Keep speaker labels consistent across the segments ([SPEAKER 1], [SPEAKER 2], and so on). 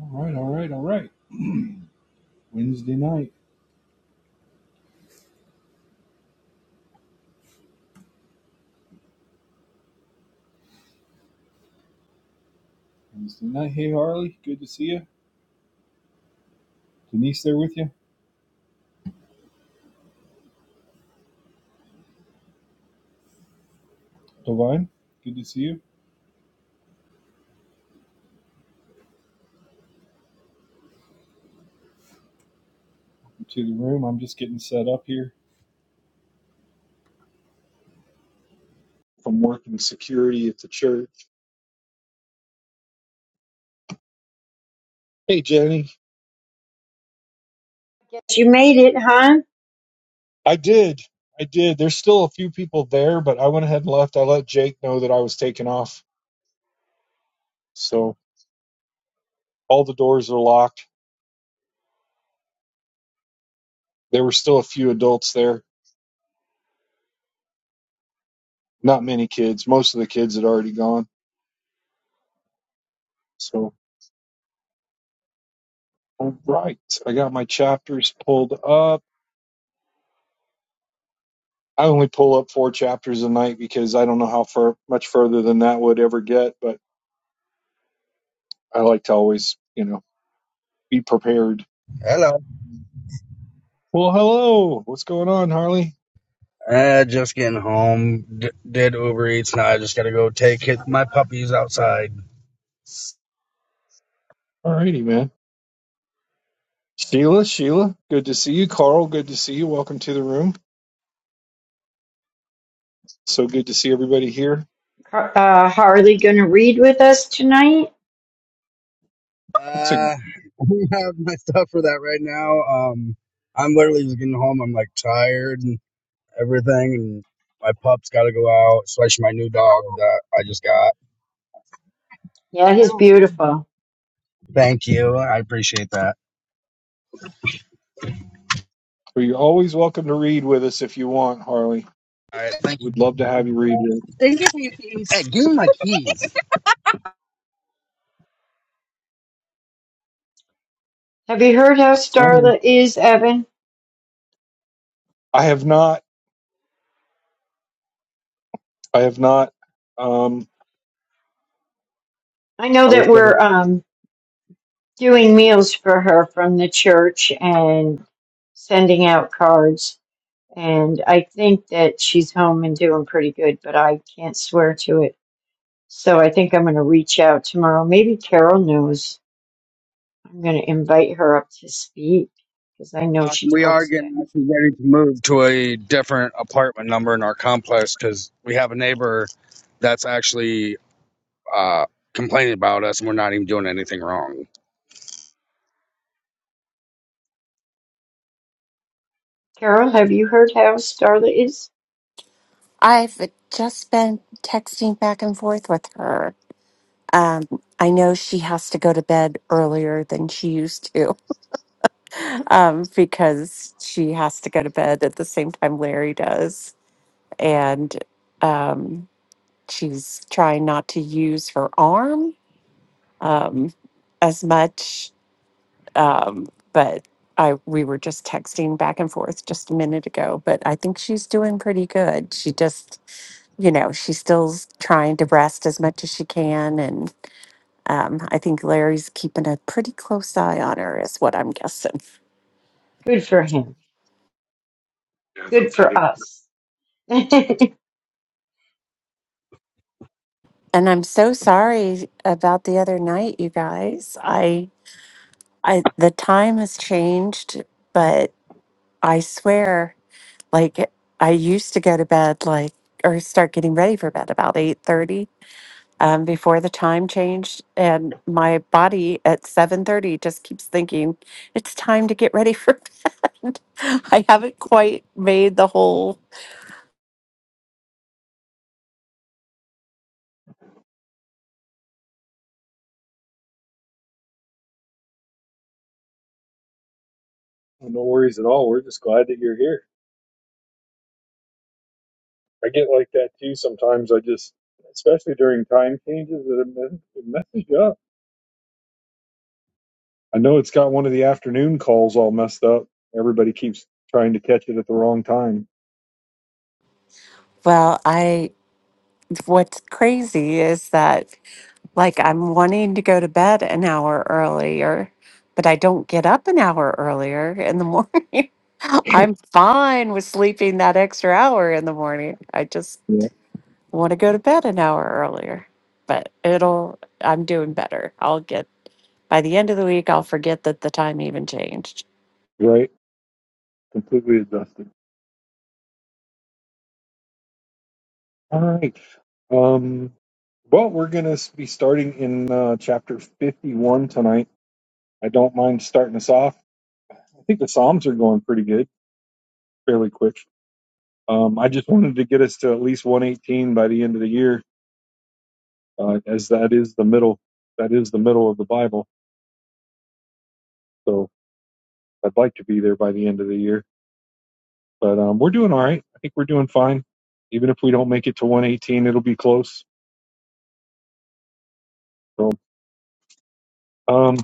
[SPEAKER 1] All right, all right, all right. Wednesday night. Wednesday night. Hey, Harley. Good to see you. Denise, there with you. Divine. Good to see you. You to the room. I'm just getting set up here. from working security at the church. Hey, Jenny.
[SPEAKER 2] You made it, huh?
[SPEAKER 1] I did. I did. There's still a few people there, but I went ahead and left. I let Jake know that I was taking off. So all the doors are locked. There were still a few adults there. Not many kids. Most of the kids had already gone. So, all right. I got my chapters pulled up. I only pull up four chapters a night because I don't know how far much further than that would ever get, but I like to always, you know, be prepared.
[SPEAKER 3] Hello.
[SPEAKER 1] Well, hello. What's going on, Harley?
[SPEAKER 3] Uh, just getting home. D- did Uber Eats now. I just gotta go take it, my puppies outside.
[SPEAKER 1] All righty, man. Sheila, Sheila, good to see you. Carl, good to see you. Welcome to the room. So good to see everybody here.
[SPEAKER 2] Uh, Harley gonna read with us tonight?
[SPEAKER 3] Uh,
[SPEAKER 1] That's a,
[SPEAKER 3] I don't have my stuff for that right now. Um, I'm literally just getting home. I'm like tired and everything, and my pup's gotta go out, especially my new dog that I just got.
[SPEAKER 2] Yeah,
[SPEAKER 3] I
[SPEAKER 2] he's
[SPEAKER 3] don't.
[SPEAKER 2] beautiful.
[SPEAKER 3] Thank you. I appreciate that.
[SPEAKER 1] well, you're always welcome to read with us if you want, Harley.
[SPEAKER 3] All right. Thank
[SPEAKER 1] we
[SPEAKER 3] you.
[SPEAKER 1] Would love to have you read it.
[SPEAKER 3] Thank you for your keys. Hey, give me my keys.
[SPEAKER 2] Have you heard how
[SPEAKER 1] All right.
[SPEAKER 2] Starla is, Evan?
[SPEAKER 1] I have not. I have not. Um,
[SPEAKER 2] I know
[SPEAKER 1] I was
[SPEAKER 2] that
[SPEAKER 1] gonna.
[SPEAKER 2] we're um doing meals for her from the church and sending out cards, and I think that she's home and doing pretty good, but I can't swear to it. So I think I'm gonna reach out tomorrow. Maybe Carol knows. I'm gonna invite her up to speak because I know
[SPEAKER 3] Uh,
[SPEAKER 2] she
[SPEAKER 3] we are
[SPEAKER 2] talks to.
[SPEAKER 3] getting actually ready to move to a different apartment number in our complex because we have a neighbor that's actually uh, complaining about us and we're not even doing anything wrong.
[SPEAKER 2] Carol, have you heard how Starla is?
[SPEAKER 4] I've just been texting back and forth with her. Um, I know she has to go to bed earlier than she used to um, because she has to go to bed at the same time Larry does. And um, she's trying not to use her arm um, as much. Um, but I we were just texting back and forth just a minute ago. But I think she's doing pretty good. She just, you know, she's still s- trying to rest as much as she can, and um, I think Larry's keeping a pretty close eye on her, is what I'm guessing.
[SPEAKER 2] Good for him.
[SPEAKER 1] Yeah, no
[SPEAKER 2] Good for
[SPEAKER 1] kidding.
[SPEAKER 2] us. Must have
[SPEAKER 4] And I'm so sorry about the other night, you guys. I I the time has changed, but I swear, like I used to go to bed like or start getting ready for bed about eight thirty um, before the time changed and my body at 7.30 just keeps thinking it's time to get ready for bed i haven't quite made the whole
[SPEAKER 1] No worries at all. We're just glad that you're here. I get like that too sometimes. I just, especially during time changes, it, mess- it messes you up. I know it's got one of the afternoon calls all messed up. Everybody keeps trying to catch it at the wrong time.
[SPEAKER 4] well i what's crazy is that like i'm wanting to go to bed an hour earlier but i don't get up an hour earlier in the morning i'm fine with sleeping that extra hour in the morning i just
[SPEAKER 1] Yeah.
[SPEAKER 4] I want to go to bed an hour earlier, but it'll, I'm doing better. I'll get, by the end of the week, I'll forget that the time even changed.
[SPEAKER 1] Right. Completely adjusted. All right. Um, well, we're going to be starting in uh, chapter 51 tonight. I don't mind starting us off. I think the Psalms are going pretty good, fairly quick. Um, I just wanted to get us to at least 118 by the end of the year uh, as that is the middle that is the middle of the Bible. So I'd like to be there by the end of the year, but um, we're doing all right. I think we're doing fine. Even if we don't make it to 118, it'll be close. So, um,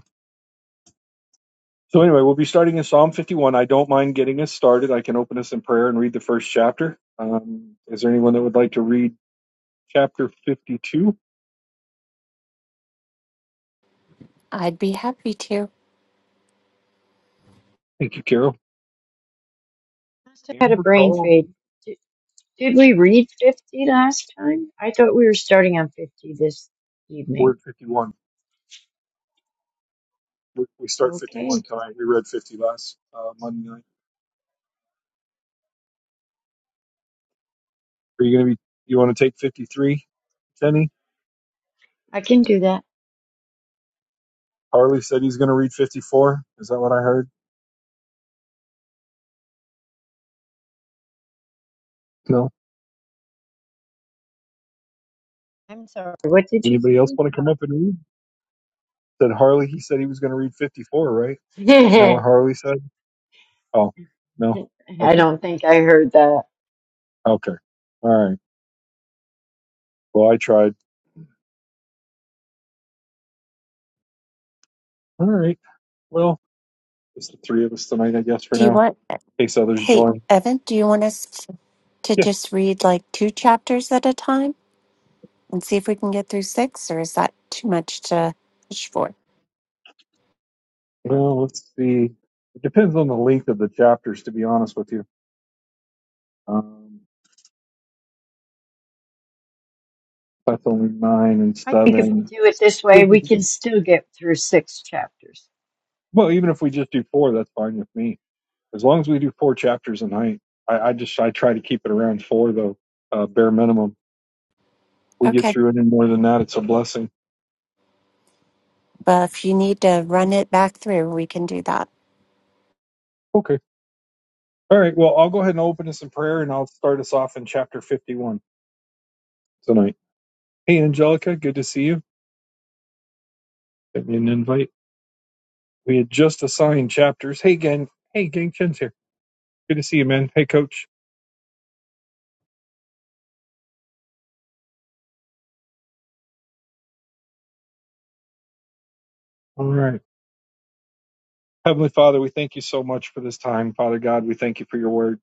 [SPEAKER 1] so anyway, we'll be starting in Psalm 51. I don't mind getting us started. I can open us in prayer and read the first chapter. Um, is there anyone that would like to read chapter 52?
[SPEAKER 4] I'd be happy to.
[SPEAKER 1] Thank you, Carol.
[SPEAKER 2] had a
[SPEAKER 1] Amber,
[SPEAKER 2] brain
[SPEAKER 1] Carl,
[SPEAKER 2] fade. Did, did we read 50 last time? I thought we were starting on 50 this
[SPEAKER 1] or
[SPEAKER 2] evening.
[SPEAKER 1] 51. We we start
[SPEAKER 2] Okay,
[SPEAKER 1] 51 tonight. We read 50 last uh, Monday night. Are you going to be? You want to take fifty three, Kenny?
[SPEAKER 2] I can do that.
[SPEAKER 1] Harley said he's going to read fifty four. Is that what I heard? No.
[SPEAKER 2] I'm sorry. What did you
[SPEAKER 1] Anybody else want to come up and read? Said Harley. He said he was going to read fifty four, right?
[SPEAKER 2] say?
[SPEAKER 1] Isn't that what Harley said? Oh, no.
[SPEAKER 2] I
[SPEAKER 1] Okay.
[SPEAKER 2] don't think I heard that.
[SPEAKER 1] Okay. All right. Well, I tried. All right. Well, it's the three of us tonight, I guess, for
[SPEAKER 4] Do you
[SPEAKER 1] now.
[SPEAKER 4] want,
[SPEAKER 1] In case others
[SPEAKER 4] hey,
[SPEAKER 1] join.
[SPEAKER 4] Evan, do you want us to
[SPEAKER 1] Yeah.
[SPEAKER 4] just read like two chapters at a time and see if we can get through six, or is that too much to push for?
[SPEAKER 1] Well, let's see. It depends on the length of the chapters, to be honest with you. Um, that's only nine and
[SPEAKER 2] I think if we
[SPEAKER 1] seven.
[SPEAKER 2] do it this way, we can still get through six chapters.
[SPEAKER 1] Well, even if we just do four, that's fine with me. As long as we do four chapters a night, I, I just I try to keep it around four though, uh, bare minimum. We get
[SPEAKER 4] Okay.
[SPEAKER 1] through any more than that, it's a blessing.
[SPEAKER 4] Well, if you need to run it back through, we can do that.
[SPEAKER 1] Okay. All right. Well, I'll go ahead and open us in prayer, and I'll start us off in chapter fifty-one tonight. Hey, Angelica, good to see you. Sent me an invite. We had just assigned chapters. Hey, gang. Hey, gang. Chen's here. Good to see you, man. Hey, Coach. All right. Heavenly Father, we thank you so much for this time. Father God, we thank you for your word.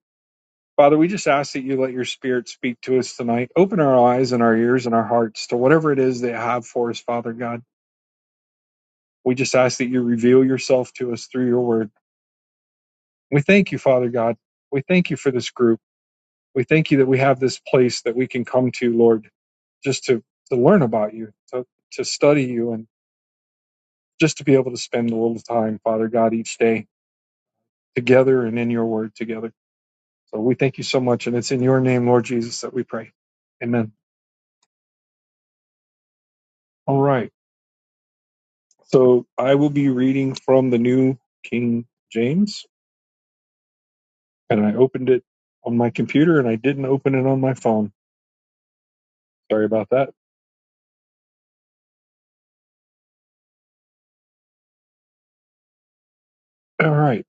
[SPEAKER 1] Father, we just ask that you let your spirit speak to us tonight. Open our eyes and our ears and our hearts to whatever it is that you have for us, Father God. We just ask that you reveal yourself to us through your word. We thank you, Father God. We thank you for this group. We thank you that we have this place that we can come to, Lord, just to, to learn about you, to, to study you, and just to be able to spend a little time, Father God, each day together and in your word together. So we thank you so much. And it's in your name, Lord Jesus, that we pray. Amen. All right. So I will be reading from the New King James, and I opened it on my computer and I didn't open it on my phone. Sorry about that. All right.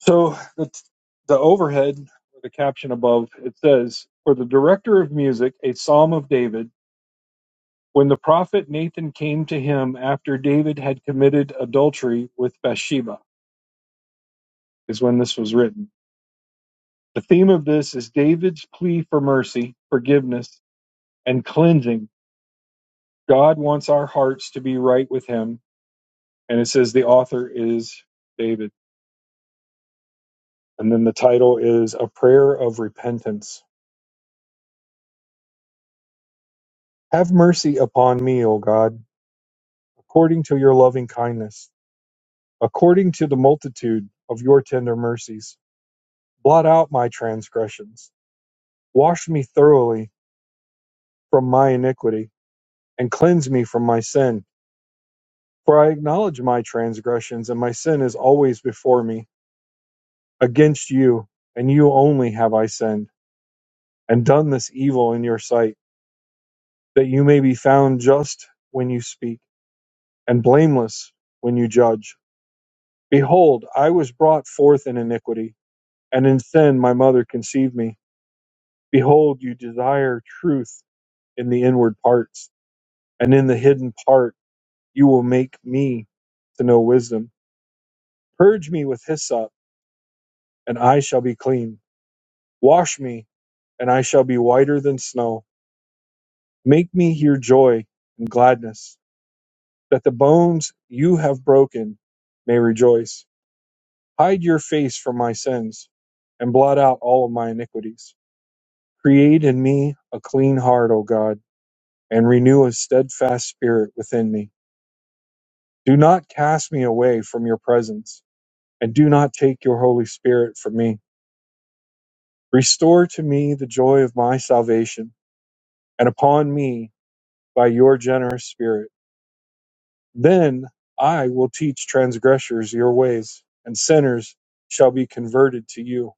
[SPEAKER 1] So the, the overhead, or the caption above, it says, For the director of music, a psalm of David, when the prophet Nathan came to him after David had committed adultery with Bathsheba, is when this was written. The theme of this is David's plea for mercy, forgiveness, and cleansing God wants our hearts to be right with Him. And it says the author is David. And then the title is A Prayer of Repentance. Have mercy upon me, O God, according to your loving kindness, according to the multitude of your tender mercies. Blot out my transgressions. Wash me thoroughly from my iniquity, and cleanse me from my sin. For I acknowledge my transgressions, and my sin is always before me. Against you, and you only have I sinned and done this evil in your sight, that you may be found just when you speak, and blameless when you judge. Behold, I was brought forth in iniquity, and in sin my mother conceived me. Behold, you desire truth in the inward parts, and in the hidden part you will make me to know wisdom. Purge me with hyssop, and I shall be clean. Wash me, and I shall be whiter than snow. Make me hear joy and gladness that the bones you have broken may rejoice. Hide your face from my sins and blot out all of my iniquities. Create in me a clean heart, O God, and renew a steadfast spirit within me. Do not cast me away from your presence, and do not take your Holy Spirit from me. Restore to me the joy of my salvation, and upon me by your generous spirit. Then I will teach transgressors your ways, and sinners shall be converted to you.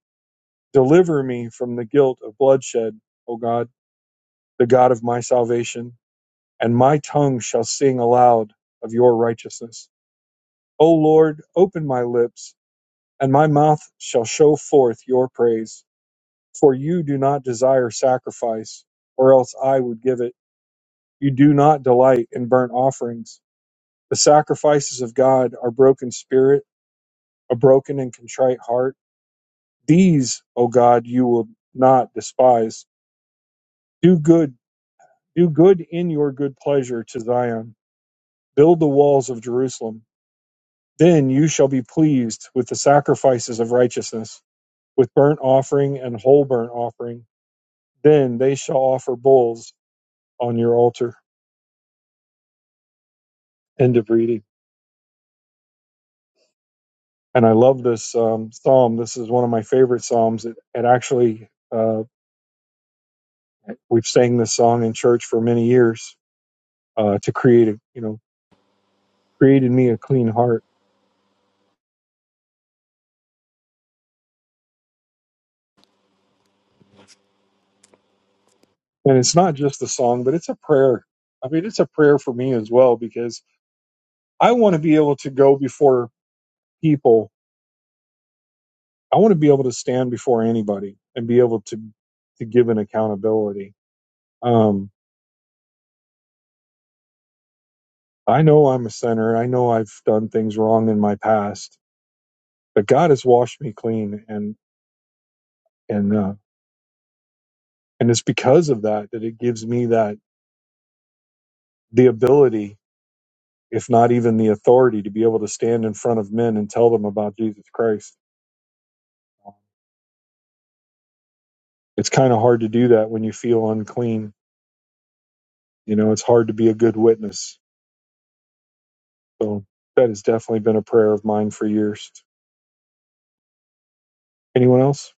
[SPEAKER 1] Deliver me from the guilt of bloodshed, O God, the God of my salvation, and my tongue shall sing aloud of your righteousness. O Lord, open my lips, and my mouth shall show forth your praise. For you do not desire sacrifice, or else I would give it. You do not delight in burnt offerings. The sacrifices of God are broken spirit a broken and contrite heart. These, O God, you will not despise. Do good, do good in your good pleasure to Zion. Build the walls of Jerusalem. Then you shall be pleased with the sacrifices of righteousness, with burnt offering and whole burnt offering. Then they shall offer bulls on your altar. End of reading. And I love this um, psalm. This is one of my favorite psalms. It, it actually, uh, we've sang this song in church for many years uh, to create, a, you know, created me a clean heart. And it's not just a song, but it's a prayer. I mean, it's a prayer for me as well because I want to be able to go before people. I want to be able to stand before anybody and be able to to give an accountability. Um, I know I'm a sinner. I know I've done things wrong in my past, but God has washed me clean, and and uh, and it's because of that that it gives me that the ability, if not even the authority, to be able to stand in front of men and tell them about Jesus Christ it's kind of hard to do that when you feel unclean. You know, it's hard to be a good witness. So that has definitely been a prayer of mine for years. Anyone else?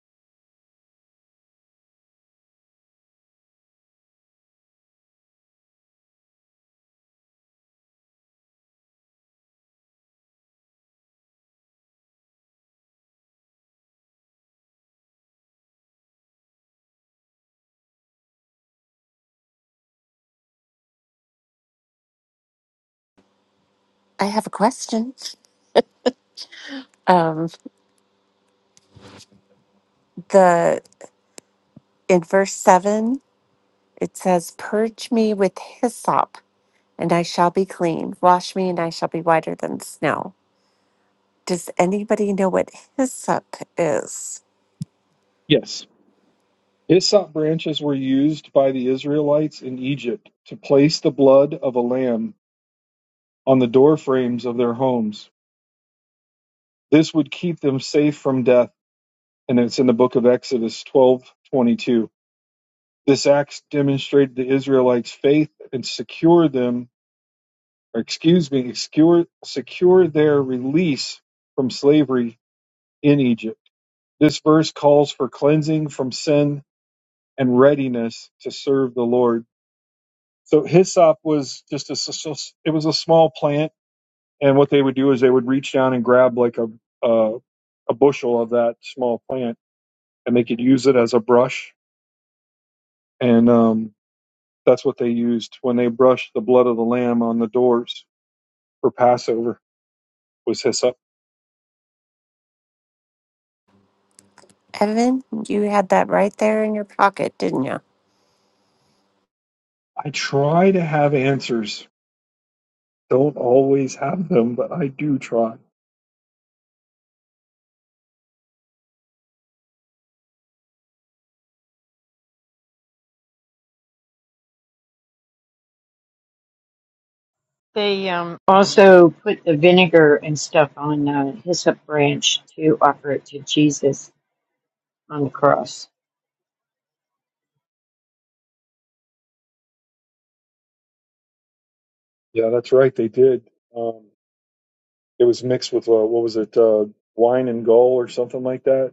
[SPEAKER 4] I have a question. Um, the, in verse seven, it says, purge me with hyssop and I shall be clean. Wash me, and I shall be whiter than snow. Does anybody know what hyssop is?
[SPEAKER 1] Yes. Hyssop branches were used by the Israelites in Egypt to place the blood of a lamb on the door frames of their homes. This would keep them safe from death, and it's in the book of Exodus 12:22. This act demonstrated the Israelites' faith and secured them excuse me, secure, secure their release from slavery in Egypt. This verse calls for cleansing from sin and readiness to serve the Lord. So hyssop was just a. it was a small plant, and what they would do is they would reach down and grab like a a, a bushel of that small plant, and they could use it as a brush, and um, that's what they used when they brushed the blood of the lamb on the doors for Passover was hyssop.
[SPEAKER 4] Evan, you had that right there in your pocket, didn't you?
[SPEAKER 1] I try to have answers Don't always have them, but I do try.
[SPEAKER 2] They um, also put the vinegar and stuff on a hyssop branch to offer it to Jesus on the cross.
[SPEAKER 1] Yeah, that's right. They did. Um, it was mixed with uh, what was it, uh, wine and gall or something like that,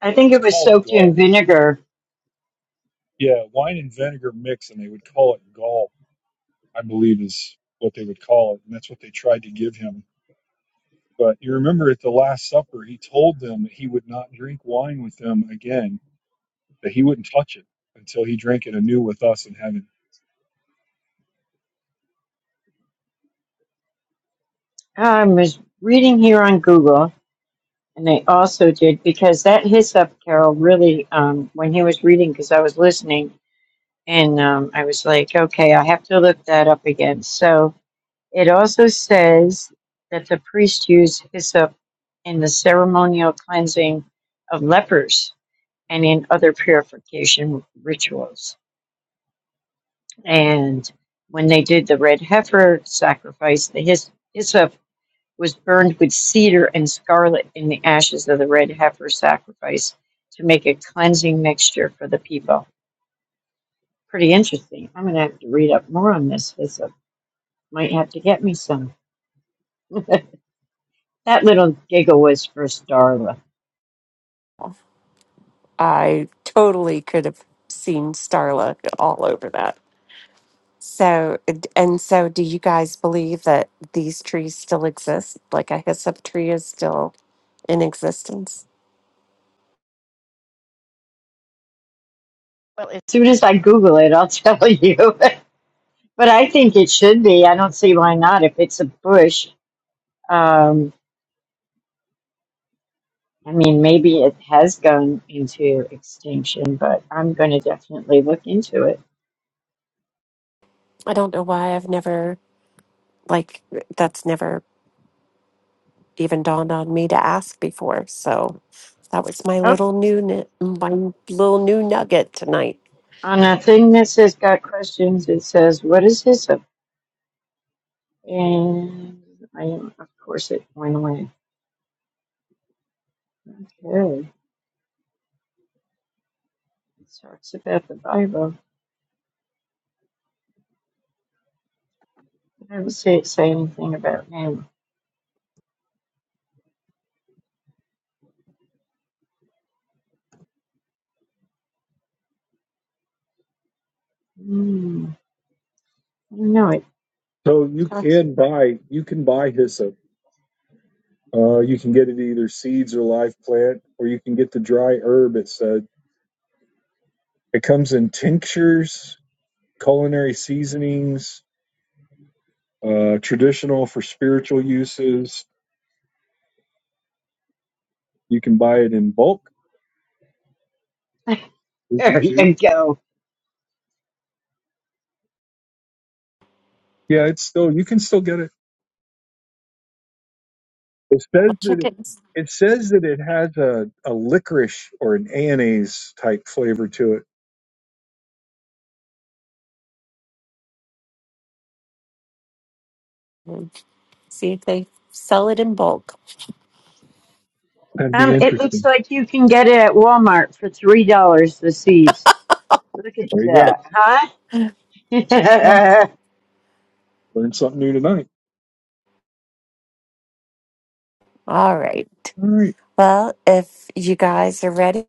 [SPEAKER 2] I
[SPEAKER 1] or it
[SPEAKER 2] think
[SPEAKER 1] was
[SPEAKER 2] it was
[SPEAKER 1] called
[SPEAKER 2] soaked in
[SPEAKER 1] gall.
[SPEAKER 2] vinegar.
[SPEAKER 1] Yeah, wine and vinegar mix, and they would call it gall. I believe is what they would call it, and that's what they tried to give him. But you remember at the Last Supper, he told them that he would not drink wine with them again, that he wouldn't touch it until he drank it anew with us in heaven.
[SPEAKER 2] Um, I was reading here on Google, and they also did because that hyssop Carol really, um, when he was reading, because I was listening, and um, I was like, okay, I have to look that up again. So it also says that the priest used hyssop in the ceremonial cleansing of lepers and in other purification rituals. And when they did the red heifer sacrifice, the hys- hyssop was burned with cedar and scarlet in the ashes of the red heifer sacrifice to make a cleansing mixture for the people. Pretty interesting. I'm going to have to read up more on this. Hyssop. Might have to get me some. that little giggle was for Starla.
[SPEAKER 4] I totally could have seen Starla all over that. So, and so, do you guys believe that these trees still exist? Like a hyssop tree is still in existence?
[SPEAKER 2] Well, as soon as I Google it, I'll tell you. but I think it should be. I don't see why not. If it's a bush, um, I mean, maybe it has gone into extinction, but I'm going to definitely look into it.
[SPEAKER 4] I don't know why I've never, like, that's never even dawned on me to ask before. So that was my
[SPEAKER 2] Oh,
[SPEAKER 4] little new nu- my little new nugget tonight.
[SPEAKER 2] On a thing that says got questions, it says, what is this? And I, of course, it went away. Okay. It talks about the Bible. It doesn't say, say anything about Noah. Hmm. I don't know. It
[SPEAKER 1] So you
[SPEAKER 2] talks.
[SPEAKER 1] can buy you can buy hyssop. Uh, you can get it either seeds or live plant, or you can get the dry herb. It said it comes in tinctures, culinary seasonings, uh, traditional for spiritual uses. You can buy it in bulk if you
[SPEAKER 2] there
[SPEAKER 1] choose.
[SPEAKER 2] you go.
[SPEAKER 1] Yeah, it's still you can still get it. It
[SPEAKER 4] I'll
[SPEAKER 1] says that
[SPEAKER 4] check it
[SPEAKER 1] it, it says that it has a, a licorice or an anise type flavor to it.
[SPEAKER 4] and see if they sell it in bulk.
[SPEAKER 1] That'd be
[SPEAKER 2] Um, it looks
[SPEAKER 1] interesting.
[SPEAKER 2] like you can get it at Walmart for three dollars. The seeds. Look at
[SPEAKER 1] There you go.
[SPEAKER 2] that, huh?
[SPEAKER 1] Well, learned something new tonight.
[SPEAKER 4] All right.
[SPEAKER 1] All right.
[SPEAKER 4] Well, if you guys are ready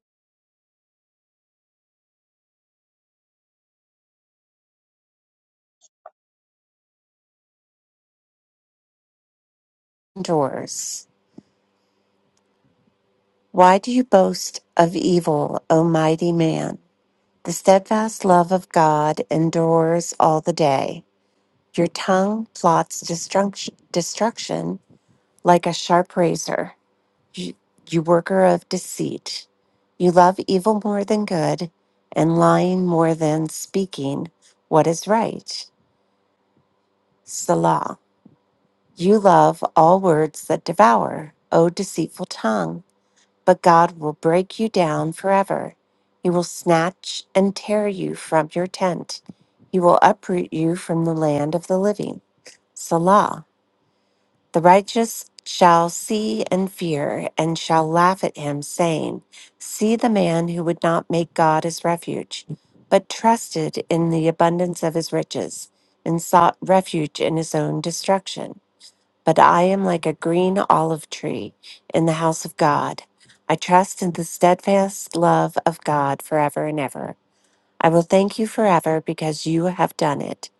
[SPEAKER 4] indoors, why do you boast of evil, O mighty man? The steadfast love of God endures all the day. Your tongue plots destruction, destruction like a sharp razor. you, you worker of deceit. You love evil more than good, and lying more than speaking what is right. Selah. You love all words that devour, O deceitful tongue. But God will break you down forever. He will snatch and tear you from your tent. He will uproot you from the land of the living. Selah. The righteous shall see and fear and shall laugh at him, saying, See the man who would not make God his refuge, but trusted in the abundance of his riches and sought refuge in his own destruction. But I am like a green olive tree in the house of God. I trust in the steadfast love of God forever and ever. I will thank you forever because you have done it.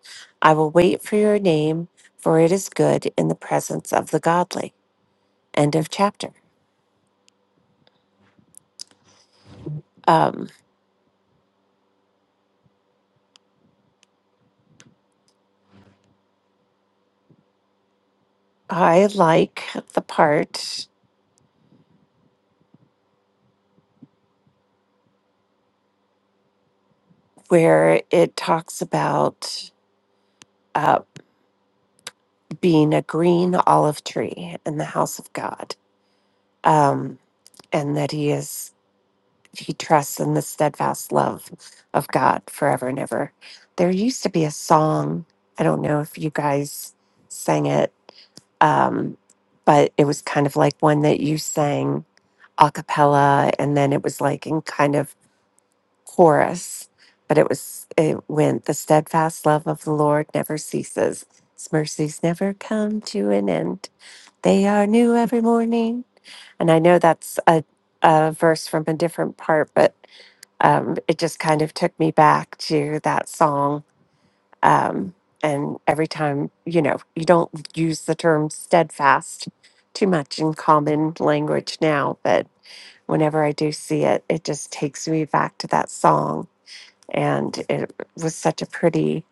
[SPEAKER 4] I will wait for your name, for it is good in the presence of the godly. End of chapter. Um, I like the part where it talks about uh, being a green olive tree in the house of God, um, and that he is he trusts in the steadfast love of God forever and ever. There used to be a song. I don't know if you guys sang it um, but it was kind of like one that you sang a cappella, and then it was like in kind of chorus. But it was it went the steadfast love of the Lord never ceases. His mercies never come to an end. They are new every morning. And I know that's a, a verse from a different part, but um, it just kind of took me back to that song um, and every time you know you don't use the term steadfast too much in common language now but whenever i do see it it just takes me back to that song and it was such a pretty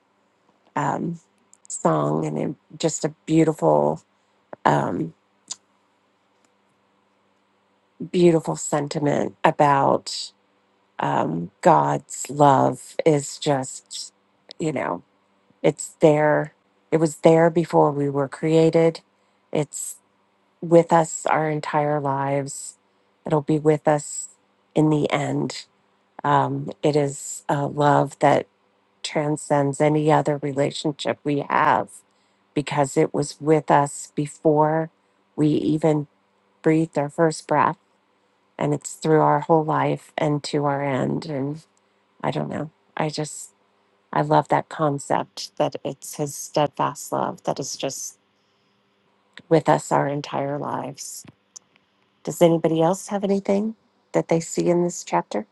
[SPEAKER 4] um, song and it, just a beautiful um, beautiful sentiment about um, god's love is just you know it's there it was there before we were created It's with us our entire lives. It'll be with us in the end. Um, it is a love that transcends any other relationship we have because it was with us before we even breathed our first breath and it's through our whole life and to our end. And I don't know. I just, I love that concept that it's his steadfast love that is just with us our entire lives. Does anybody else have anything that they see in this chapter?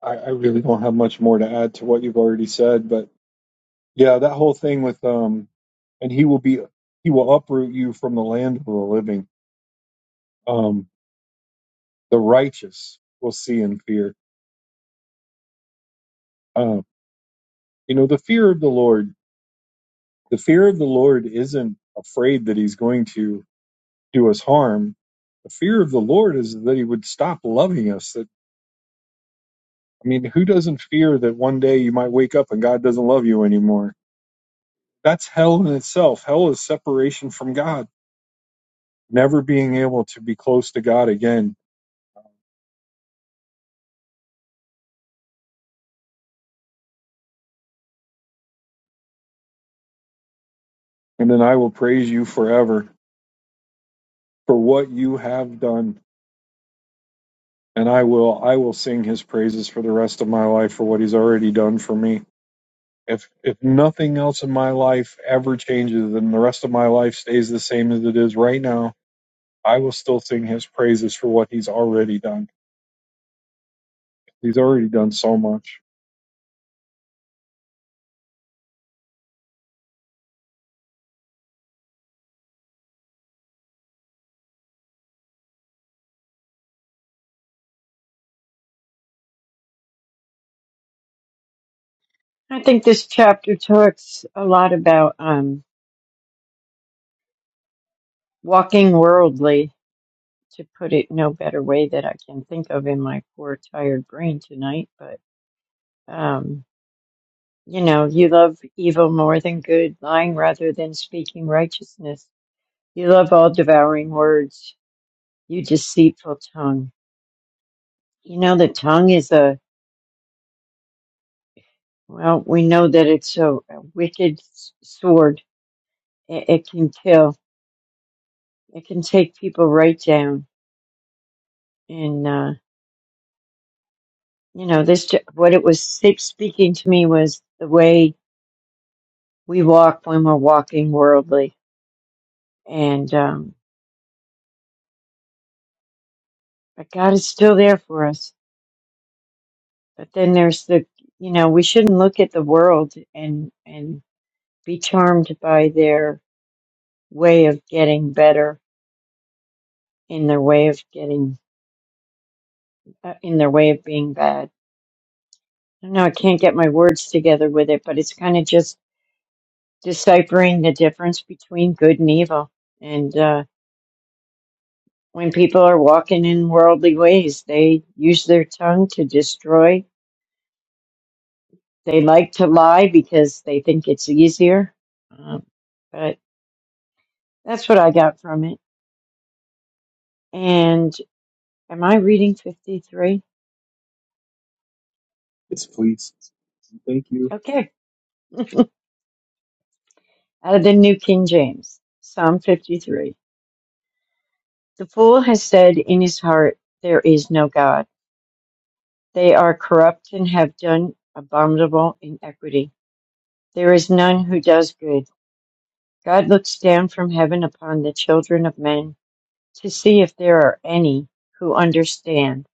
[SPEAKER 1] I, I really don't have much more to add to what you've already said, but Yeah, that whole thing with um, and he will be he will uproot you from the land of the living. Um, the righteous will see and fear. Uh, you know, the fear of the Lord. The fear of the Lord isn't afraid that He's going to do us harm. The fear of the Lord is that He would stop loving us. That I mean, who doesn't fear that one day you might wake up and God doesn't love you anymore? That's hell in itself. Hell is separation from God, never being able to be close to God again and then I will praise you forever for what you have done. And I will I will sing his praises for the rest of my life for what he's already done for me. If if nothing else in my life ever changes and the rest of my life stays the same as it is right now, I will still sing his praises for what he's already done. He's already done so much.
[SPEAKER 2] I think this chapter talks a lot about um walking worldly to put it no better way that I can think of in my poor tired brain tonight, but um, you know, you love evil more than good, lying rather than speaking righteousness. You love all devouring words, you deceitful tongue. You know, the tongue is a, well, we know that it's a, a wicked s- sword. It, it can kill, it can take people right down. And, uh, you know, this, ju- what it was spe- speaking to me was the way we walk when we're walking worldly and um but god is still there for us but then there's the you know we shouldn't look at the world and and be charmed by their way of getting better in their way of getting uh, in their way of being bad i don't know i can't get my words together with it but it's kind of just deciphering the difference between good and evil and uh when people are walking in worldly ways they use their tongue to destroy They like to lie because they think it's easier. Um, but that's what I got from it. And am I reading 53?
[SPEAKER 1] It's please. Thank you.
[SPEAKER 2] Okay. Out of the New King James, Psalm 53. The fool has said in his heart, There is no God. They are corrupt and have done abominable iniquity. There is none who does good. God looks down from heaven upon the children of men to see if there are any who understand,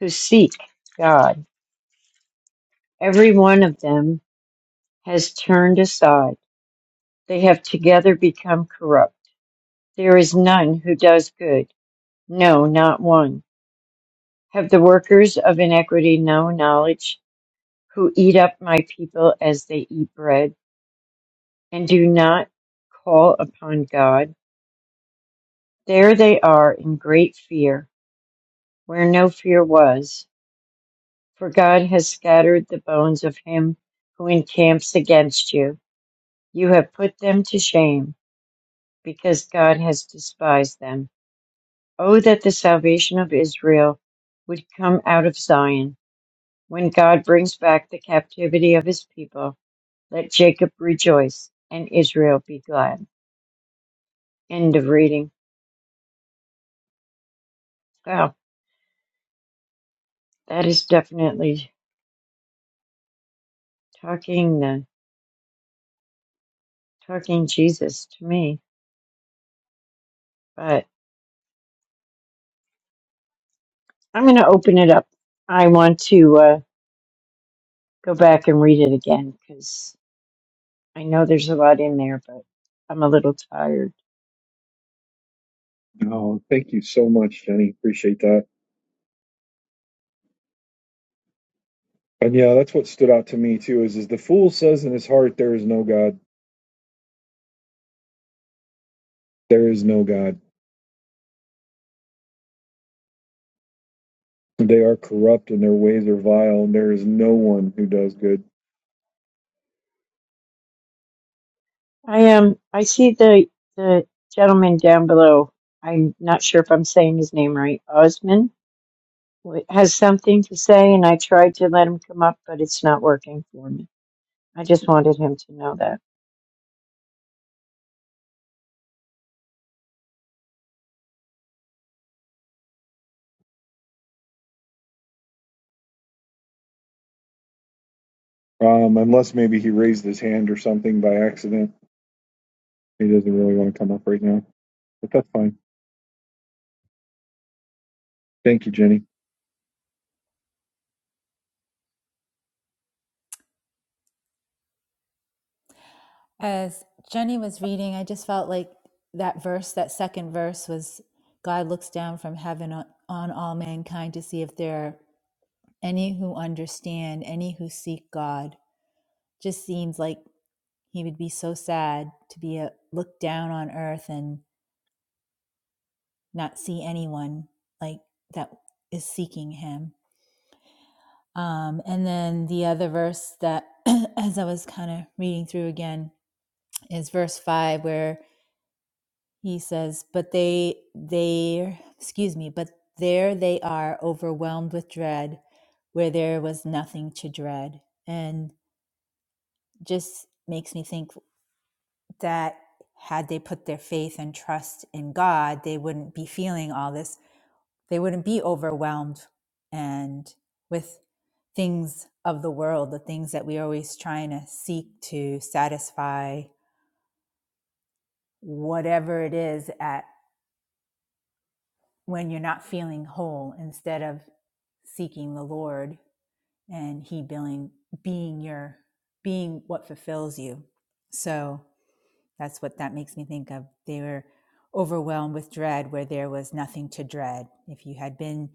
[SPEAKER 2] who seek God. Every one of them has turned aside. They have together become corrupt. There is none who does good. No, not one. Have the workers of iniquity no knowledge who eat up my people as they eat bread and do not call upon God? There they are in great fear where no fear was. For God has scattered the bones of him who encamps against you. You have put them to shame because God has despised them. Oh, that the salvation of Israel would come out of Zion. When God brings back the captivity of his people, let Jacob rejoice and Israel be glad. End of reading. Wow, that is definitely talking the talking Jesus to me. But I'm going to open it up. I want to uh, go back and read it again because I know there's a lot in there, but I'm a little tired.
[SPEAKER 1] Oh, thank you so much, Jenny. Appreciate that. And yeah, that's what stood out to me too is is the fool says in his heart there is no God. There is no God They are corrupt and their ways are vile, and there is no one who does good.
[SPEAKER 2] I am. I see the the gentleman down below. I'm not sure if I'm saying his name right. Osman w- has something to say, and I tried to let him come up, but it's not working for me. I just wanted him to know that.
[SPEAKER 1] Um, unless maybe he raised his hand or something by accident. He doesn't really want to come up right now, but that's fine. Thank you, Jenny.
[SPEAKER 5] As Jenny was reading, I just felt like that verse, that second verse was God looks down from heaven on, on all mankind to see if there are any who understand, any who seek God. Just seems like he would be so sad to be a, looked down on earth and not see anyone like that is seeking him. Um, and then the other verse that, as I was kind of reading through again, is verse 5, where He says, but they, they, excuse me, but there they are overwhelmed with dread where there was nothing to dread. And just makes me think that had they put their faith and trust in God, they wouldn't be feeling all this. They wouldn't be overwhelmed and with things of the world, the things that we're always trying to seek to satisfy whatever it is at when you're not feeling whole instead of seeking the lord and he being being your being what fulfills you so that's what that makes me think of they were overwhelmed with dread where there was nothing to dread if you had been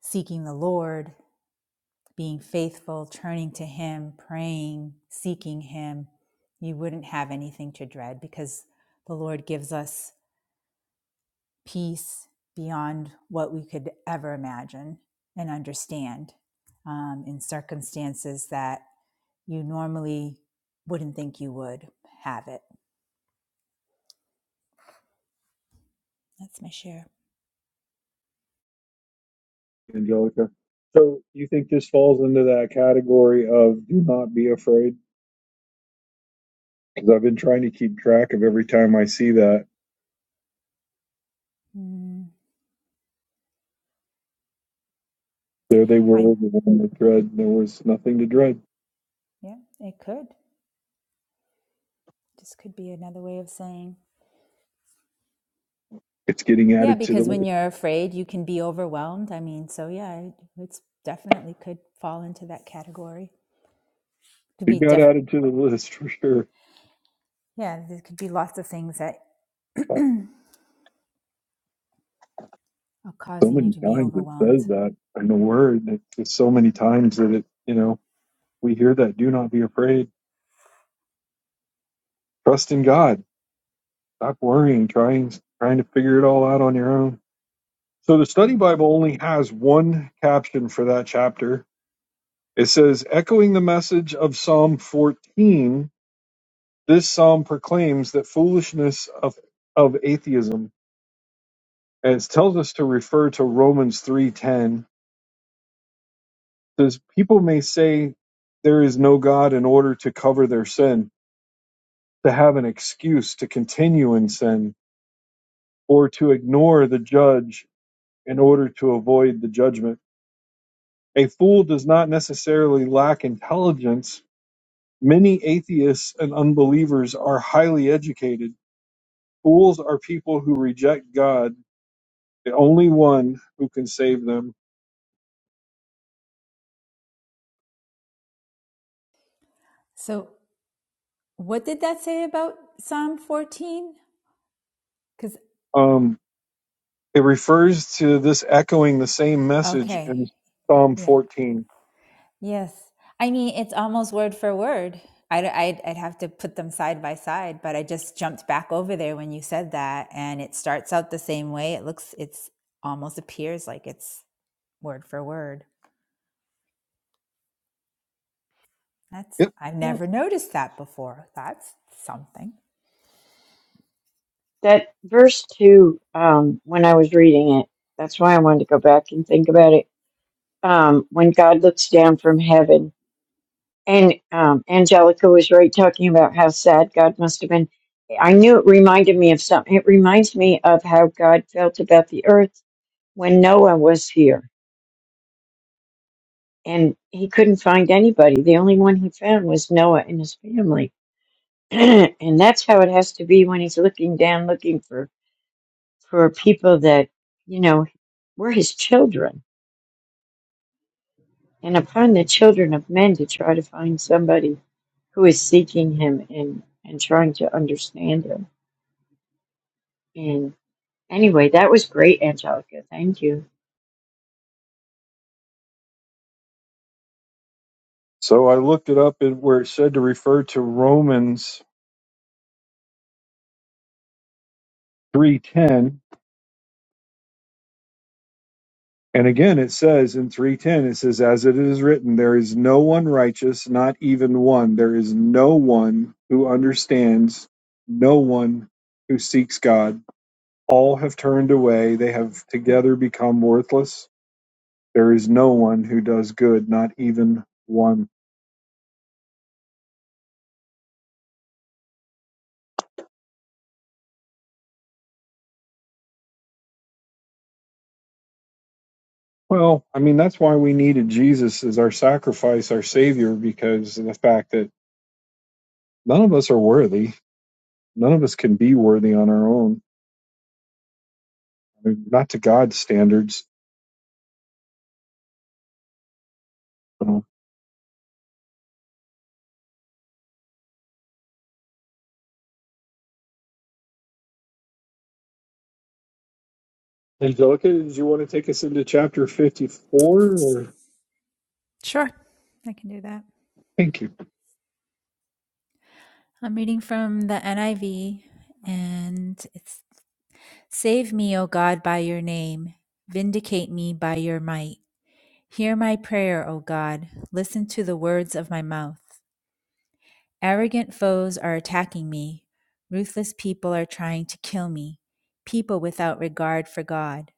[SPEAKER 5] seeking the lord being faithful turning to him praying seeking him you wouldn't have anything to dread because the lord gives us peace beyond what we could ever imagine and understand um, in circumstances that you normally wouldn't think you would have it. That's my share.
[SPEAKER 1] Angelica. So you think this falls into that category of do not be afraid? Because I've been trying to keep track of every time I see that.
[SPEAKER 5] Mm,
[SPEAKER 1] There they were,
[SPEAKER 5] I
[SPEAKER 1] the one with dread. There was nothing to dread.
[SPEAKER 5] yeah, it could. This could be another way of saying
[SPEAKER 1] It's getting
[SPEAKER 5] yeah,
[SPEAKER 1] added to the
[SPEAKER 5] because when
[SPEAKER 1] list.
[SPEAKER 5] you're afraid, you can be overwhelmed. I mean, so yeah, it- it's definitely could fall into that category. Could be
[SPEAKER 1] It got
[SPEAKER 5] def
[SPEAKER 1] added to the list for sure.
[SPEAKER 5] yeah, there could be lots of things that are
[SPEAKER 1] so
[SPEAKER 5] causing you
[SPEAKER 1] many
[SPEAKER 5] to be
[SPEAKER 1] times it
[SPEAKER 5] overwhelmed.
[SPEAKER 1] says that in the word it's just so many times that it you know we hear that do not be afraid trust in god stop worrying trying trying to figure it all out on your own so the study
[SPEAKER 5] hmm
[SPEAKER 1] bible only has one caption for that chapter it says echoing the message of psalm 14 this psalm proclaims that foolishness of of atheism and it tells us to refer to romans 3:10 says, People may say there is no God in order to cover their sin, to have an excuse to continue in sin, or to ignore the judge in order to avoid the judgment. A fool does not necessarily lack intelligence. Many atheists and unbelievers are highly educated. Fools are people who reject God, the only one who can save them.
[SPEAKER 5] So What did that say about Psalm 14? Because,
[SPEAKER 1] Um, it refers to this echoing the same message
[SPEAKER 5] okay,
[SPEAKER 1] in Psalm
[SPEAKER 5] yeah,
[SPEAKER 1] 14.
[SPEAKER 5] yes. I mean, it's almost word for word. I'd, I'd, I'd have to put them side by side, but I just jumped back over there when you said that, and it starts out the same way. It looks, it's almost appears like it's word for word. That's, I've
[SPEAKER 2] You know,
[SPEAKER 5] never noticed that before. That's something.
[SPEAKER 2] that verse two. Um, when I was reading it, that's why I wanted to go back and think about it. Um, when God looks down from heaven And um, Angelica was right talking about how sad God must have been. I knew it reminded me of something. It reminds me of how God felt about the earth when Noah was here and he couldn't find anybody. The only one he found was Noah and his family. and that's how it has to be when he's looking down, looking for, for people that, you know, were his children and upon the children of men to try to find somebody who is seeking him and, and trying to understand him. And anyway, that was great, Angelica. Thank you.
[SPEAKER 1] So I looked it up and where it said to refer to Romans 3:10 and again it says in 3:10 it says as it is written there is no one righteous not even one there is no one who understands no one who seeks God all have turned away they have together become worthless there is no one who does good not even one well I mean that's why we needed Jesus as our sacrifice our savior because of the fact that none of us are worthy None of us can be worthy on our own, I mean, not to God's standards. So, Angelica, did you want to take us into chapter 54? Or?
[SPEAKER 5] Sure, I can do that.
[SPEAKER 1] Thank you.
[SPEAKER 5] I'm reading from the NIV, and it's Save me, O God, by your name. Vindicate me by your might. Hear my prayer, O God. Listen to the words of my mouth. Arrogant foes are attacking me. Ruthless people are trying to kill me. People without regard for God.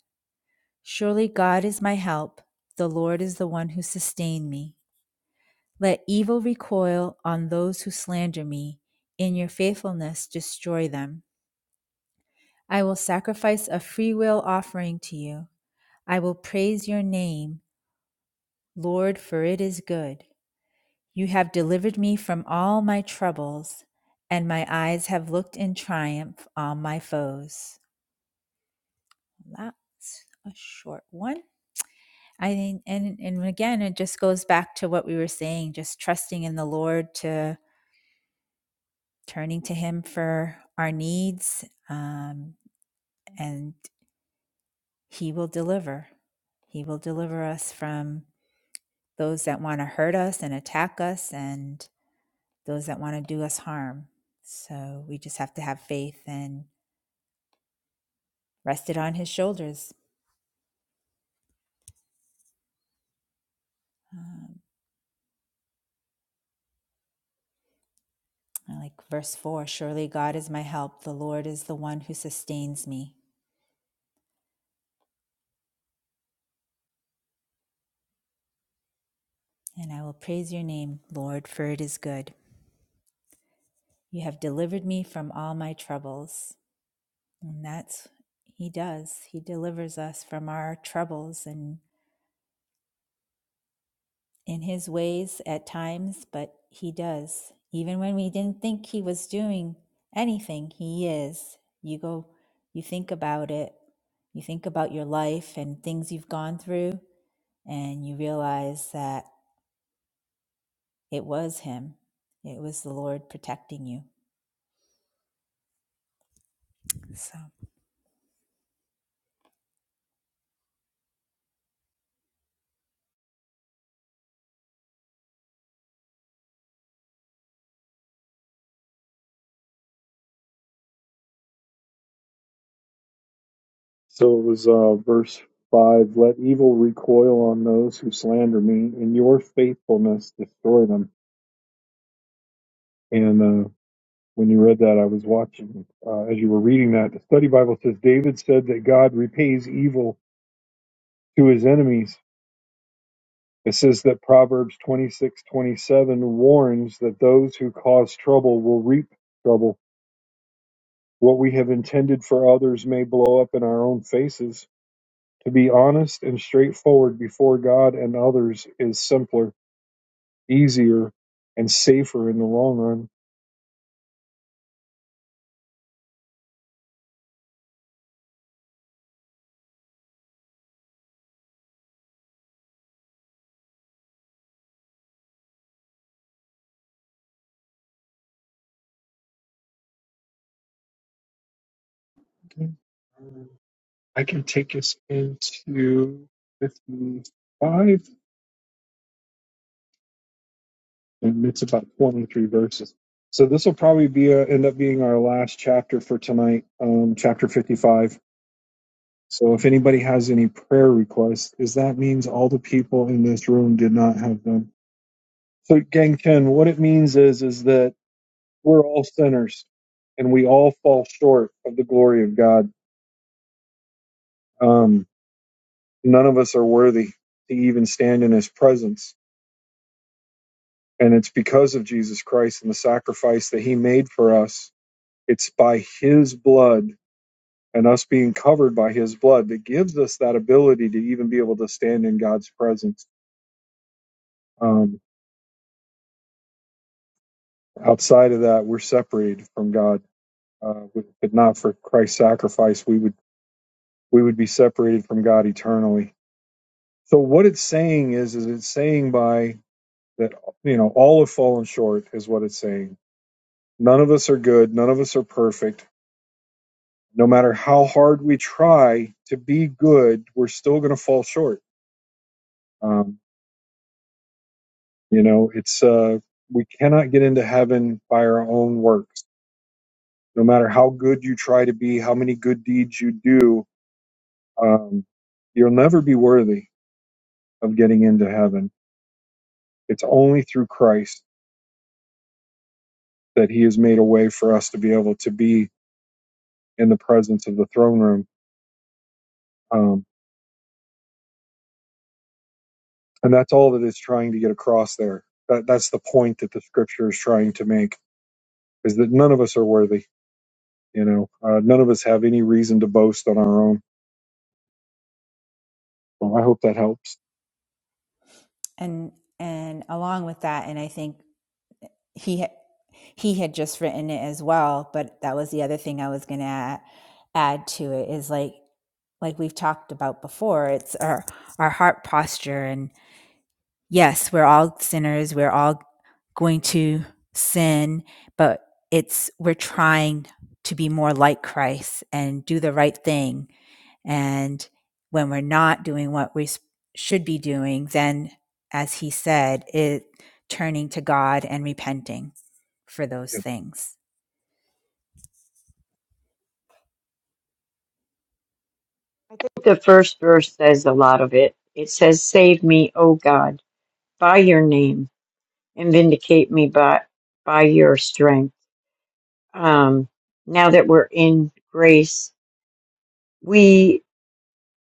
[SPEAKER 5] Surely God is my help. The Lord is the one who sustained me. Let evil recoil on those who slander me. In your faithfulness, destroy them. I will sacrifice a freewill offering to you. I will praise your name, Lord, for it is good. You have delivered me from all my troubles, and my eyes have looked in triumph on my foes. That's a short one. I think, and, and again, it just goes back to what we were saying just trusting in the Lord to turning to Him for our needs, um, and He will deliver. He will deliver us from those that want to hurt us and attack us and those that want to do us harm. So we just have to have faith and rest it on his shoulders. Um, I like verse 4 Surely God is my help. The Lord is the one who sustains me. And I will praise your name, Lord, for it is good. You have delivered me from all my troubles. And that's, he does. He delivers us from our troubles. and. in his ways at times, but he does. Even when we didn't think he was doing anything, he is. You go, you think about it, you think about your life and things you've gone through, and you realize that it was him. It was the Lord protecting you. So,
[SPEAKER 1] So it was uh, verse 5 Let evil recoil on those who slander me, and your faithfulness destroy them. And uh, when you read that, I was watching uh, as you were reading that. The study Bible says David said that God repays evil to his enemies It says that Proverbs twenty six twenty seven warns that those who cause trouble will reap trouble. What we have intended for others may blow up in our own faces. To be honest and straightforward before God and others is simpler, easier, and safer in the long run. Okay. Um, I can take us into 55, and it's about 23 verses. So this will probably be uh end up being our last chapter for tonight, um, chapter 55 So if anybody has any prayer requests, is that means all the people in this room did not have them. So Gang Chen, what it means is is that we're all sinners and we all fall short of the glory of God. Um, none of us are worthy to even stand in his presence. And it's because of Jesus Christ and the sacrifice that he made for us. It's by his blood and us being covered by his blood that gives us that ability to even be able to stand in God's presence. Um, Outside of that, we're separated from God. Uh, if it not for Christ's sacrifice, we would we would be separated from God eternally. So what it's saying is, is it's saying by that you know all have fallen short is what it's saying. None of us are good. None of us are perfect. No matter how hard we try to be good, we're still going to fall short. Um, you know, it's uh, we cannot get into heaven by our own works. No matter how good you try to be, how many good deeds you do, Um, you'll never be worthy of getting into heaven. It's only through Christ that He has made a way for us to be able to be in the presence of the throne room. Um, and that's all that it's trying to get across there. That, that's the point that the scripture is trying to make is that none of us are worthy. You know, uh, none of us have any reason to boast on our own. Well, I hope that helps.
[SPEAKER 5] and, and along with that, and I think he ha- he had just written it as well but that was the other thing i was going to add, add to it is like like we've talked about before it's our our heart posture and yes we're all sinners we're all going to sin but it's we're trying to be more like christ and do the right thing and when we're not doing what we should be doing, then, as he said, it turning to God and repenting for those
[SPEAKER 1] Yeah.
[SPEAKER 5] things.
[SPEAKER 2] I think the first verse says a lot of it. It says, Save me, O God, by your name, and vindicate me by, by your strength. Um, now that we're in grace, we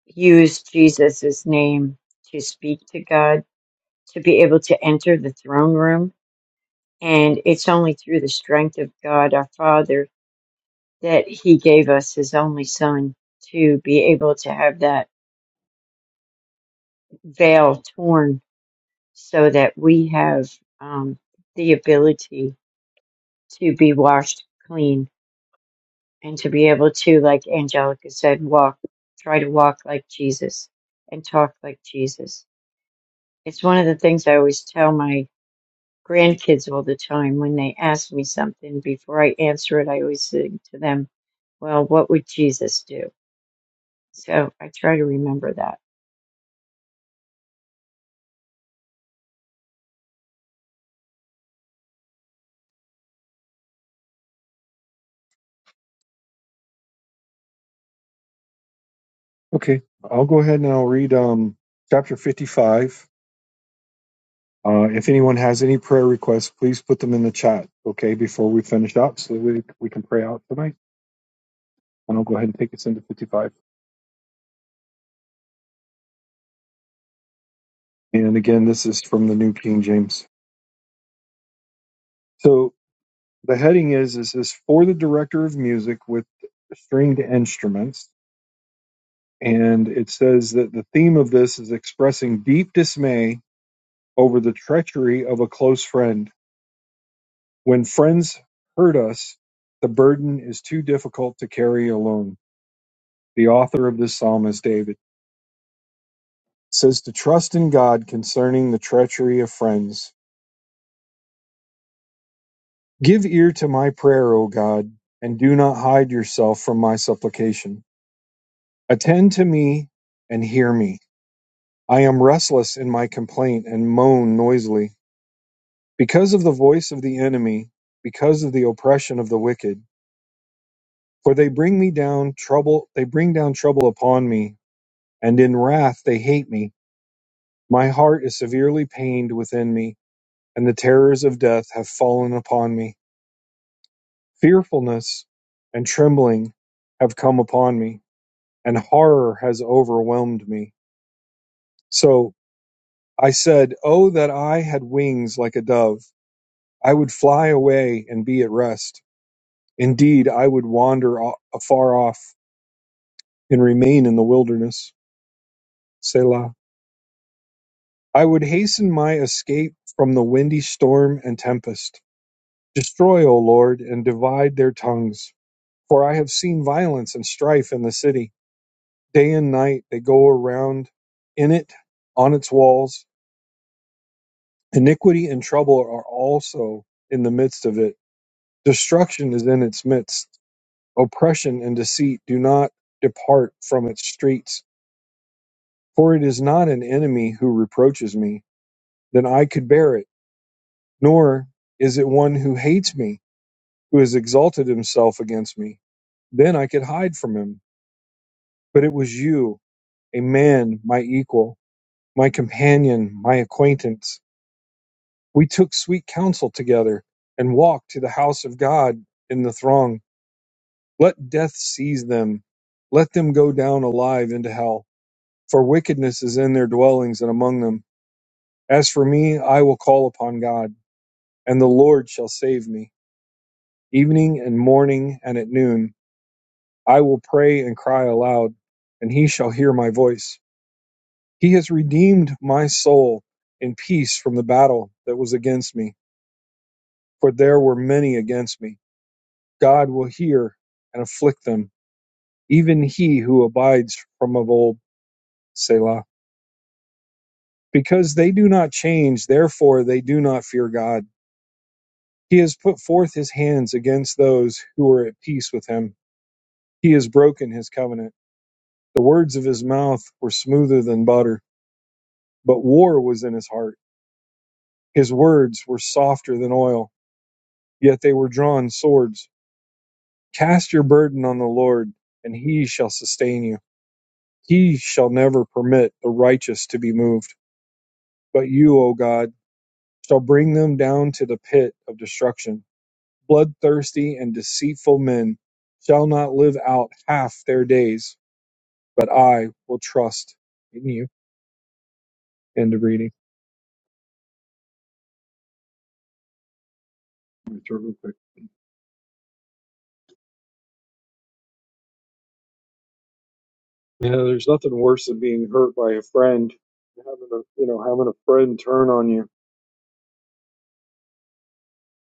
[SPEAKER 2] use Jesus' name to speak to God, to be able to enter the throne room. And it's only through the strength of God, our Father, that He gave us His only Son to be able to have that veil torn so that we have um, the ability to be washed clean and to be able to, like Angelica said, walk, try to walk like Jesus and talk like Jesus. It's one of the things I always tell my grandkids all the time when they ask me something. Before I answer it, I always say to them, Well, what would Jesus do? So I try to remember that.
[SPEAKER 1] Okay. I'll go ahead and I'll read um, chapter 55 Uh, if anyone has any prayer requests, please put them in the chat, okay, before we finish up so that we, we can pray out tonight. And I'll go ahead and take us into 55. And again, this is from the New King James. So the heading is, is this for the director of music with stringed instruments. And it says that the theme of this is expressing deep dismay over the treachery of a close friend. When friends hurt us, the burden is too difficult to carry alone. The author of this psalm is David. says to trust in God concerning the treachery of friends. Give ear to my prayer, O God, and do not hide yourself from my supplication. Attend to me and hear me. I am restless in my complaint and moan noisily because of the voice of the enemy, because of the oppression of the wicked. For they bring me down trouble, they bring down trouble upon me, and in wrath they hate me. My heart is severely pained within me, and the terrors of death have fallen upon me. Fearfulness and trembling have come upon me, and horror has overwhelmed me. So I said, Oh, that I had wings like a dove! I would fly away and be at rest. Indeed, I would wander a- afar off and remain in the wilderness. Selah. I would hasten my escape from the windy storm and tempest. Destroy, O Lord, and divide their tongues, for I have seen violence and strife in the city. Day and night they go around in it, on its walls. Iniquity and trouble are also in the midst of it. Destruction is in its midst. Oppression and deceit do not depart from its streets. For it is not an enemy who reproaches me, then I could bear it, nor is it one who hates me, who has exalted himself against me. Then I could hide from him. But it was you, a man, my equal, my companion, my acquaintance We took sweet counsel together and walked to the house of God in the throng. Let death seize them. Let them go down alive into hell, for wickedness is in their dwellings and among them. As for me, I will call upon God, and the Lord shall save me. Evening and morning and at noon, I will pray and cry aloud, and he shall hear my voice. He has redeemed my soul in peace from the battle that was against me, for there were many against me God will hear and afflict them, even he who abides from of old, Selah. Because they do not change, therefore they do not fear God. He has put forth his hands against those who are at peace with him. He has broken his covenant. The words of his mouth were smoother than butter, but war was in his heart. His words were softer than oil, yet they were drawn swords. Cast your burden on the Lord, and he shall sustain you. He shall never permit the righteous to be moved. But you, O God, shall bring them down to the pit of destruction. Bloodthirsty and deceitful men shall not live out half their days, but I will trust in you. End of reading. Let me turn real quick. Yeah, there's nothing worse than being hurt by a friend, having a you know having a friend turn on you.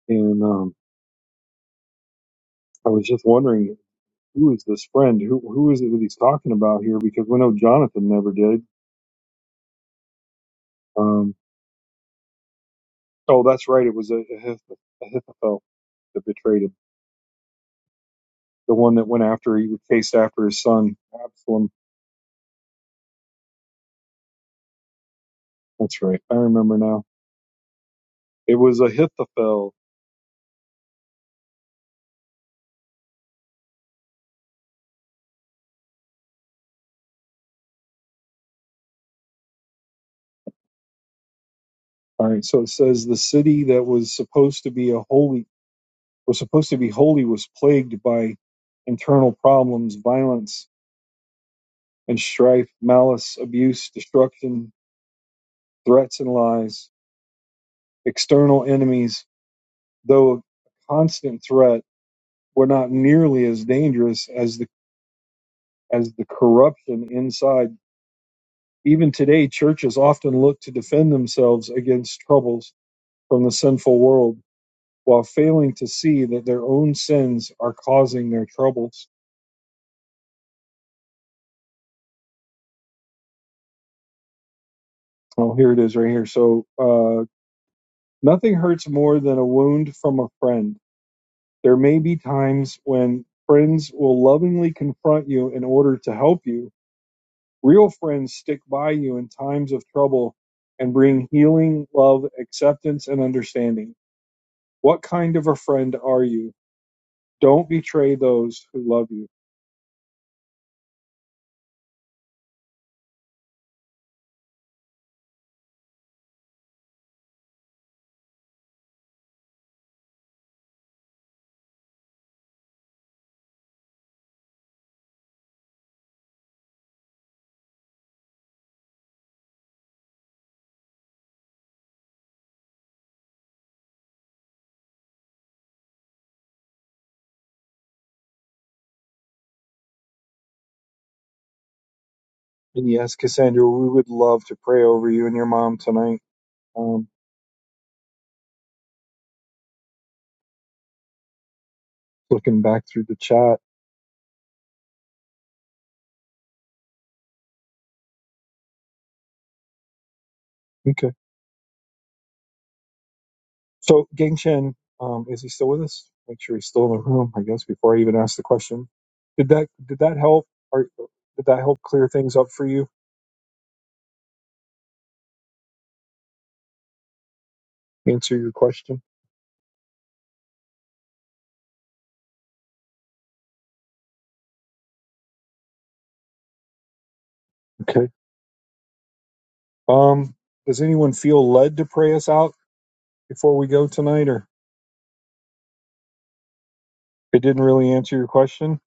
[SPEAKER 1] And um, I was just wondering who is this friend? Who who is it that he's talking about here? Because we know Jonathan never did. Um, oh, that's right. It was a, a Ahithophel that betrayed him. the one that went after he chased after his son Absalom. That's right. I remember now. It was Ahithophel. All right. So it says the city that was supposed to be a holy was supposed to be holy was plagued by internal problems, violence and strife, malice, abuse, destruction, threats and lies. External enemies, though a constant threat, were not nearly as dangerous as the as the corruption inside Even today, churches often look to defend themselves against troubles from the sinful world while failing to see that their own sins are causing their troubles. Oh, here it is right here. So, uh, nothing hurts more than a wound from a friend. There may be times when friends will lovingly confront you in order to help you. Real friends stick by you in times of trouble and bring healing, love, acceptance, and understanding. What kind of a friend are you? Don't betray those who love you. And yes, Cassandra, we would love to pray over you and your mom tonight. Um, looking back through the chat. Okay. So, Gang Chen, um, is he still with us? Make sure he's still in the room, I guess, before I even ask the question. Did that did that help? Or did that help clear things up for you? Answer your question. Okay. Um, does anyone feel led to pray us out before we go tonight, or it didn't really answer your question?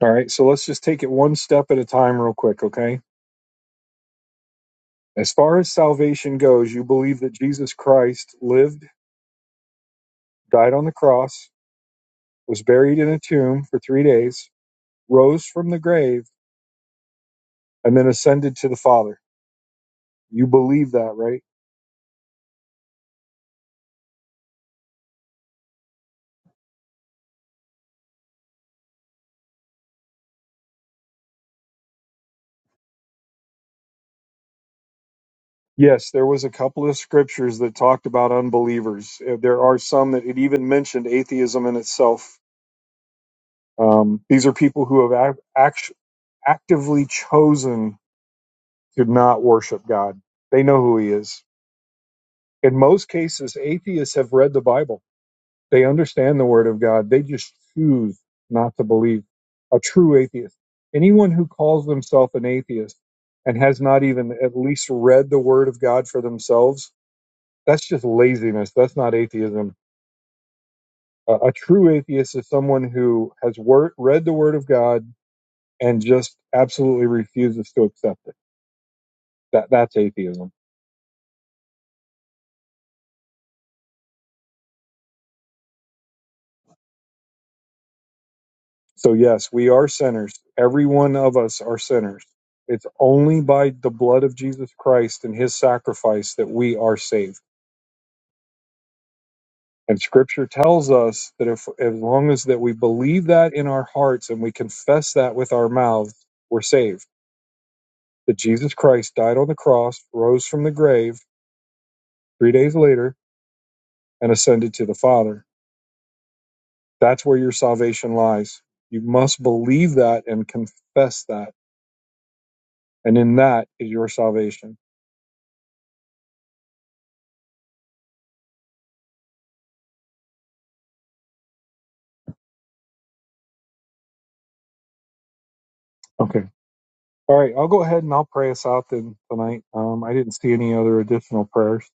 [SPEAKER 1] All right. So let's just take it one step at a time, real quick. Okay As far as salvation goes, you believe that Jesus Christ lived, died on the cross, was buried in a tomb for three days, rose from the grave, and then ascended to the Father. You believe that, right? Yes, there was a couple of scriptures that talked about unbelievers. Uh, There are some that it even mentioned atheism in itself. Um, these are people who have ac- act- actively chosen to not worship God. They know who He is. In most cases, atheists have read the Bible They understand the word of God. They just choose not to believe. A true atheist. Anyone who calls themselves an atheist and has not even at least read the word of God for themselves, that's just laziness. That's not atheism. A, a true atheist is someone who has wor- read the word of God and just absolutely refuses to accept it. That that's atheism. So, yes, we are sinners. Every one of us are sinners. It's only by the blood of Jesus Christ and his sacrifice that we are saved. And scripture tells us that if, as long as that we believe that in our hearts and we confess that with our mouths, we're saved. That Jesus Christ died on the cross, rose from the grave three days later, and ascended to the Father. That's where your salvation lies. You must believe that and confess that. And in that is your salvation. Okay. All right, I'll go ahead and I'll pray us out then tonight. Um, I didn't see any other additional prayers.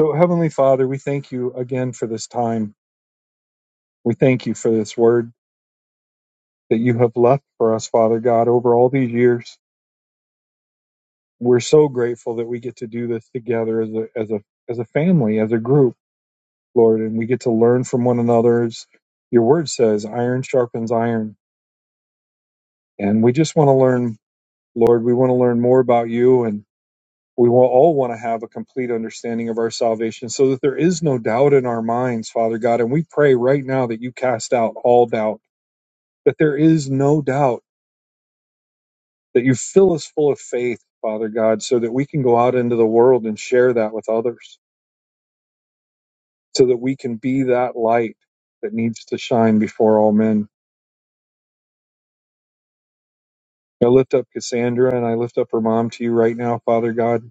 [SPEAKER 1] So, Heavenly Father, we thank you again for this time. We thank you for this word that you have left for us, Father God, over all these years. We're so grateful that we get to do this together as a as a as a family, as a group, Lord, and we get to learn from one another. As your word says, iron sharpens iron, and we just want to learn, Lord. We want to learn more about you and we will all want to have a complete understanding of our salvation so that there is no doubt in our minds, Father God. And we pray right now that you cast out all doubt, that there is no doubt, that you fill us full of faith, Father God, so that we can go out into the world and share that with others, so that we can be that light that needs to shine before all men. I lift up Cassandra and I lift up her mom to you right now, Father God.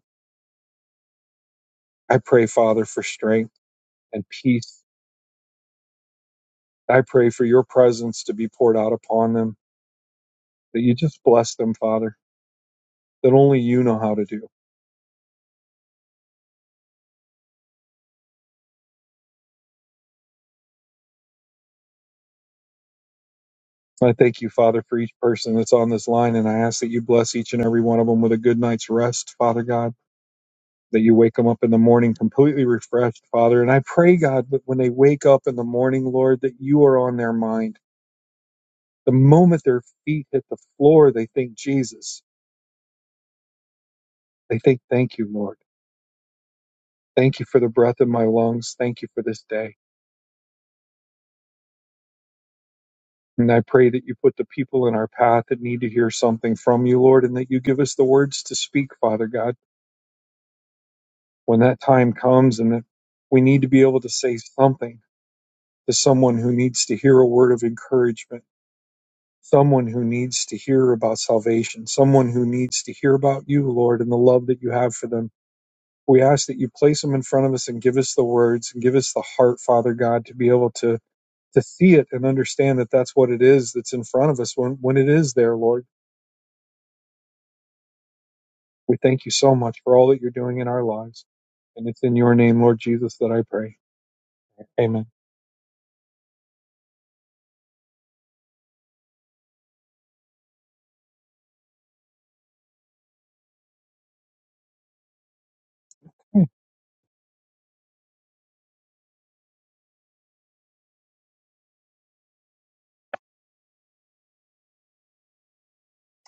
[SPEAKER 1] I pray, Father, for strength and peace. I pray for your presence to be poured out upon them. that you just bless them, Father, that only you know how to do. I thank you, Father, for each person that's on this line, and I ask that you bless each and every one of them with a good night's rest, Father God, that you wake them up in the morning completely refreshed, Father. And I pray, God, that when they wake up in the morning, Lord, that you are on their mind. The moment their feet hit the floor, they think Jesus. They think, thank you, Lord. Thank you for the breath in my lungs. Thank you for this day. And I pray that you put the people in our path that need to hear something from you, Lord, and that you give us the words to speak, Father God, when that time comes and that we need to be able to say something to someone who needs to hear a word of encouragement, someone who needs to hear about salvation, someone who needs to hear about you, Lord, and the love that you have for them. We ask that you place them in front of us and give us the words and give us the heart, Father God, to be able to to see it and understand that that's what it is that's in front of us when, when it is there, Lord. We thank you so much for all that you're doing in our lives. And it's in your name, Lord Jesus, that I pray. Amen.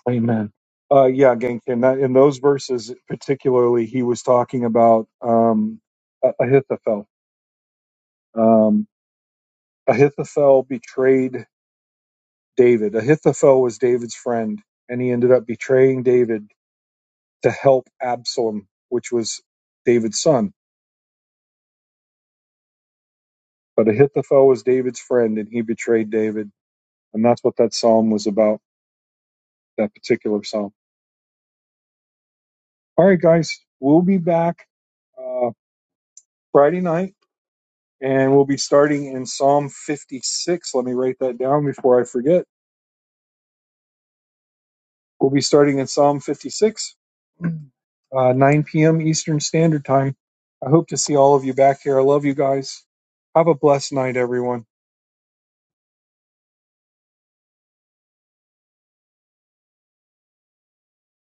[SPEAKER 1] Amen. Uh, yeah, Genkin, that, in those verses particularly, he was talking about um, Ah- Ahithophel. Um, Ahithophel betrayed David. Ahithophel was David's friend, and he ended up betraying David to help Absalom, which was David's son. But Ahithophel was David's friend, and he betrayed David. And that's what that psalm was about, that particular psalm. All right, guys, we'll be back uh, Friday night, and we'll be starting in Psalm 56. Let me write that down before I forget. We'll be starting in Psalm 56, uh, 9 p.m. Eastern Standard Time. I hope to see all of you back here. I love you guys. Have a blessed night, everyone.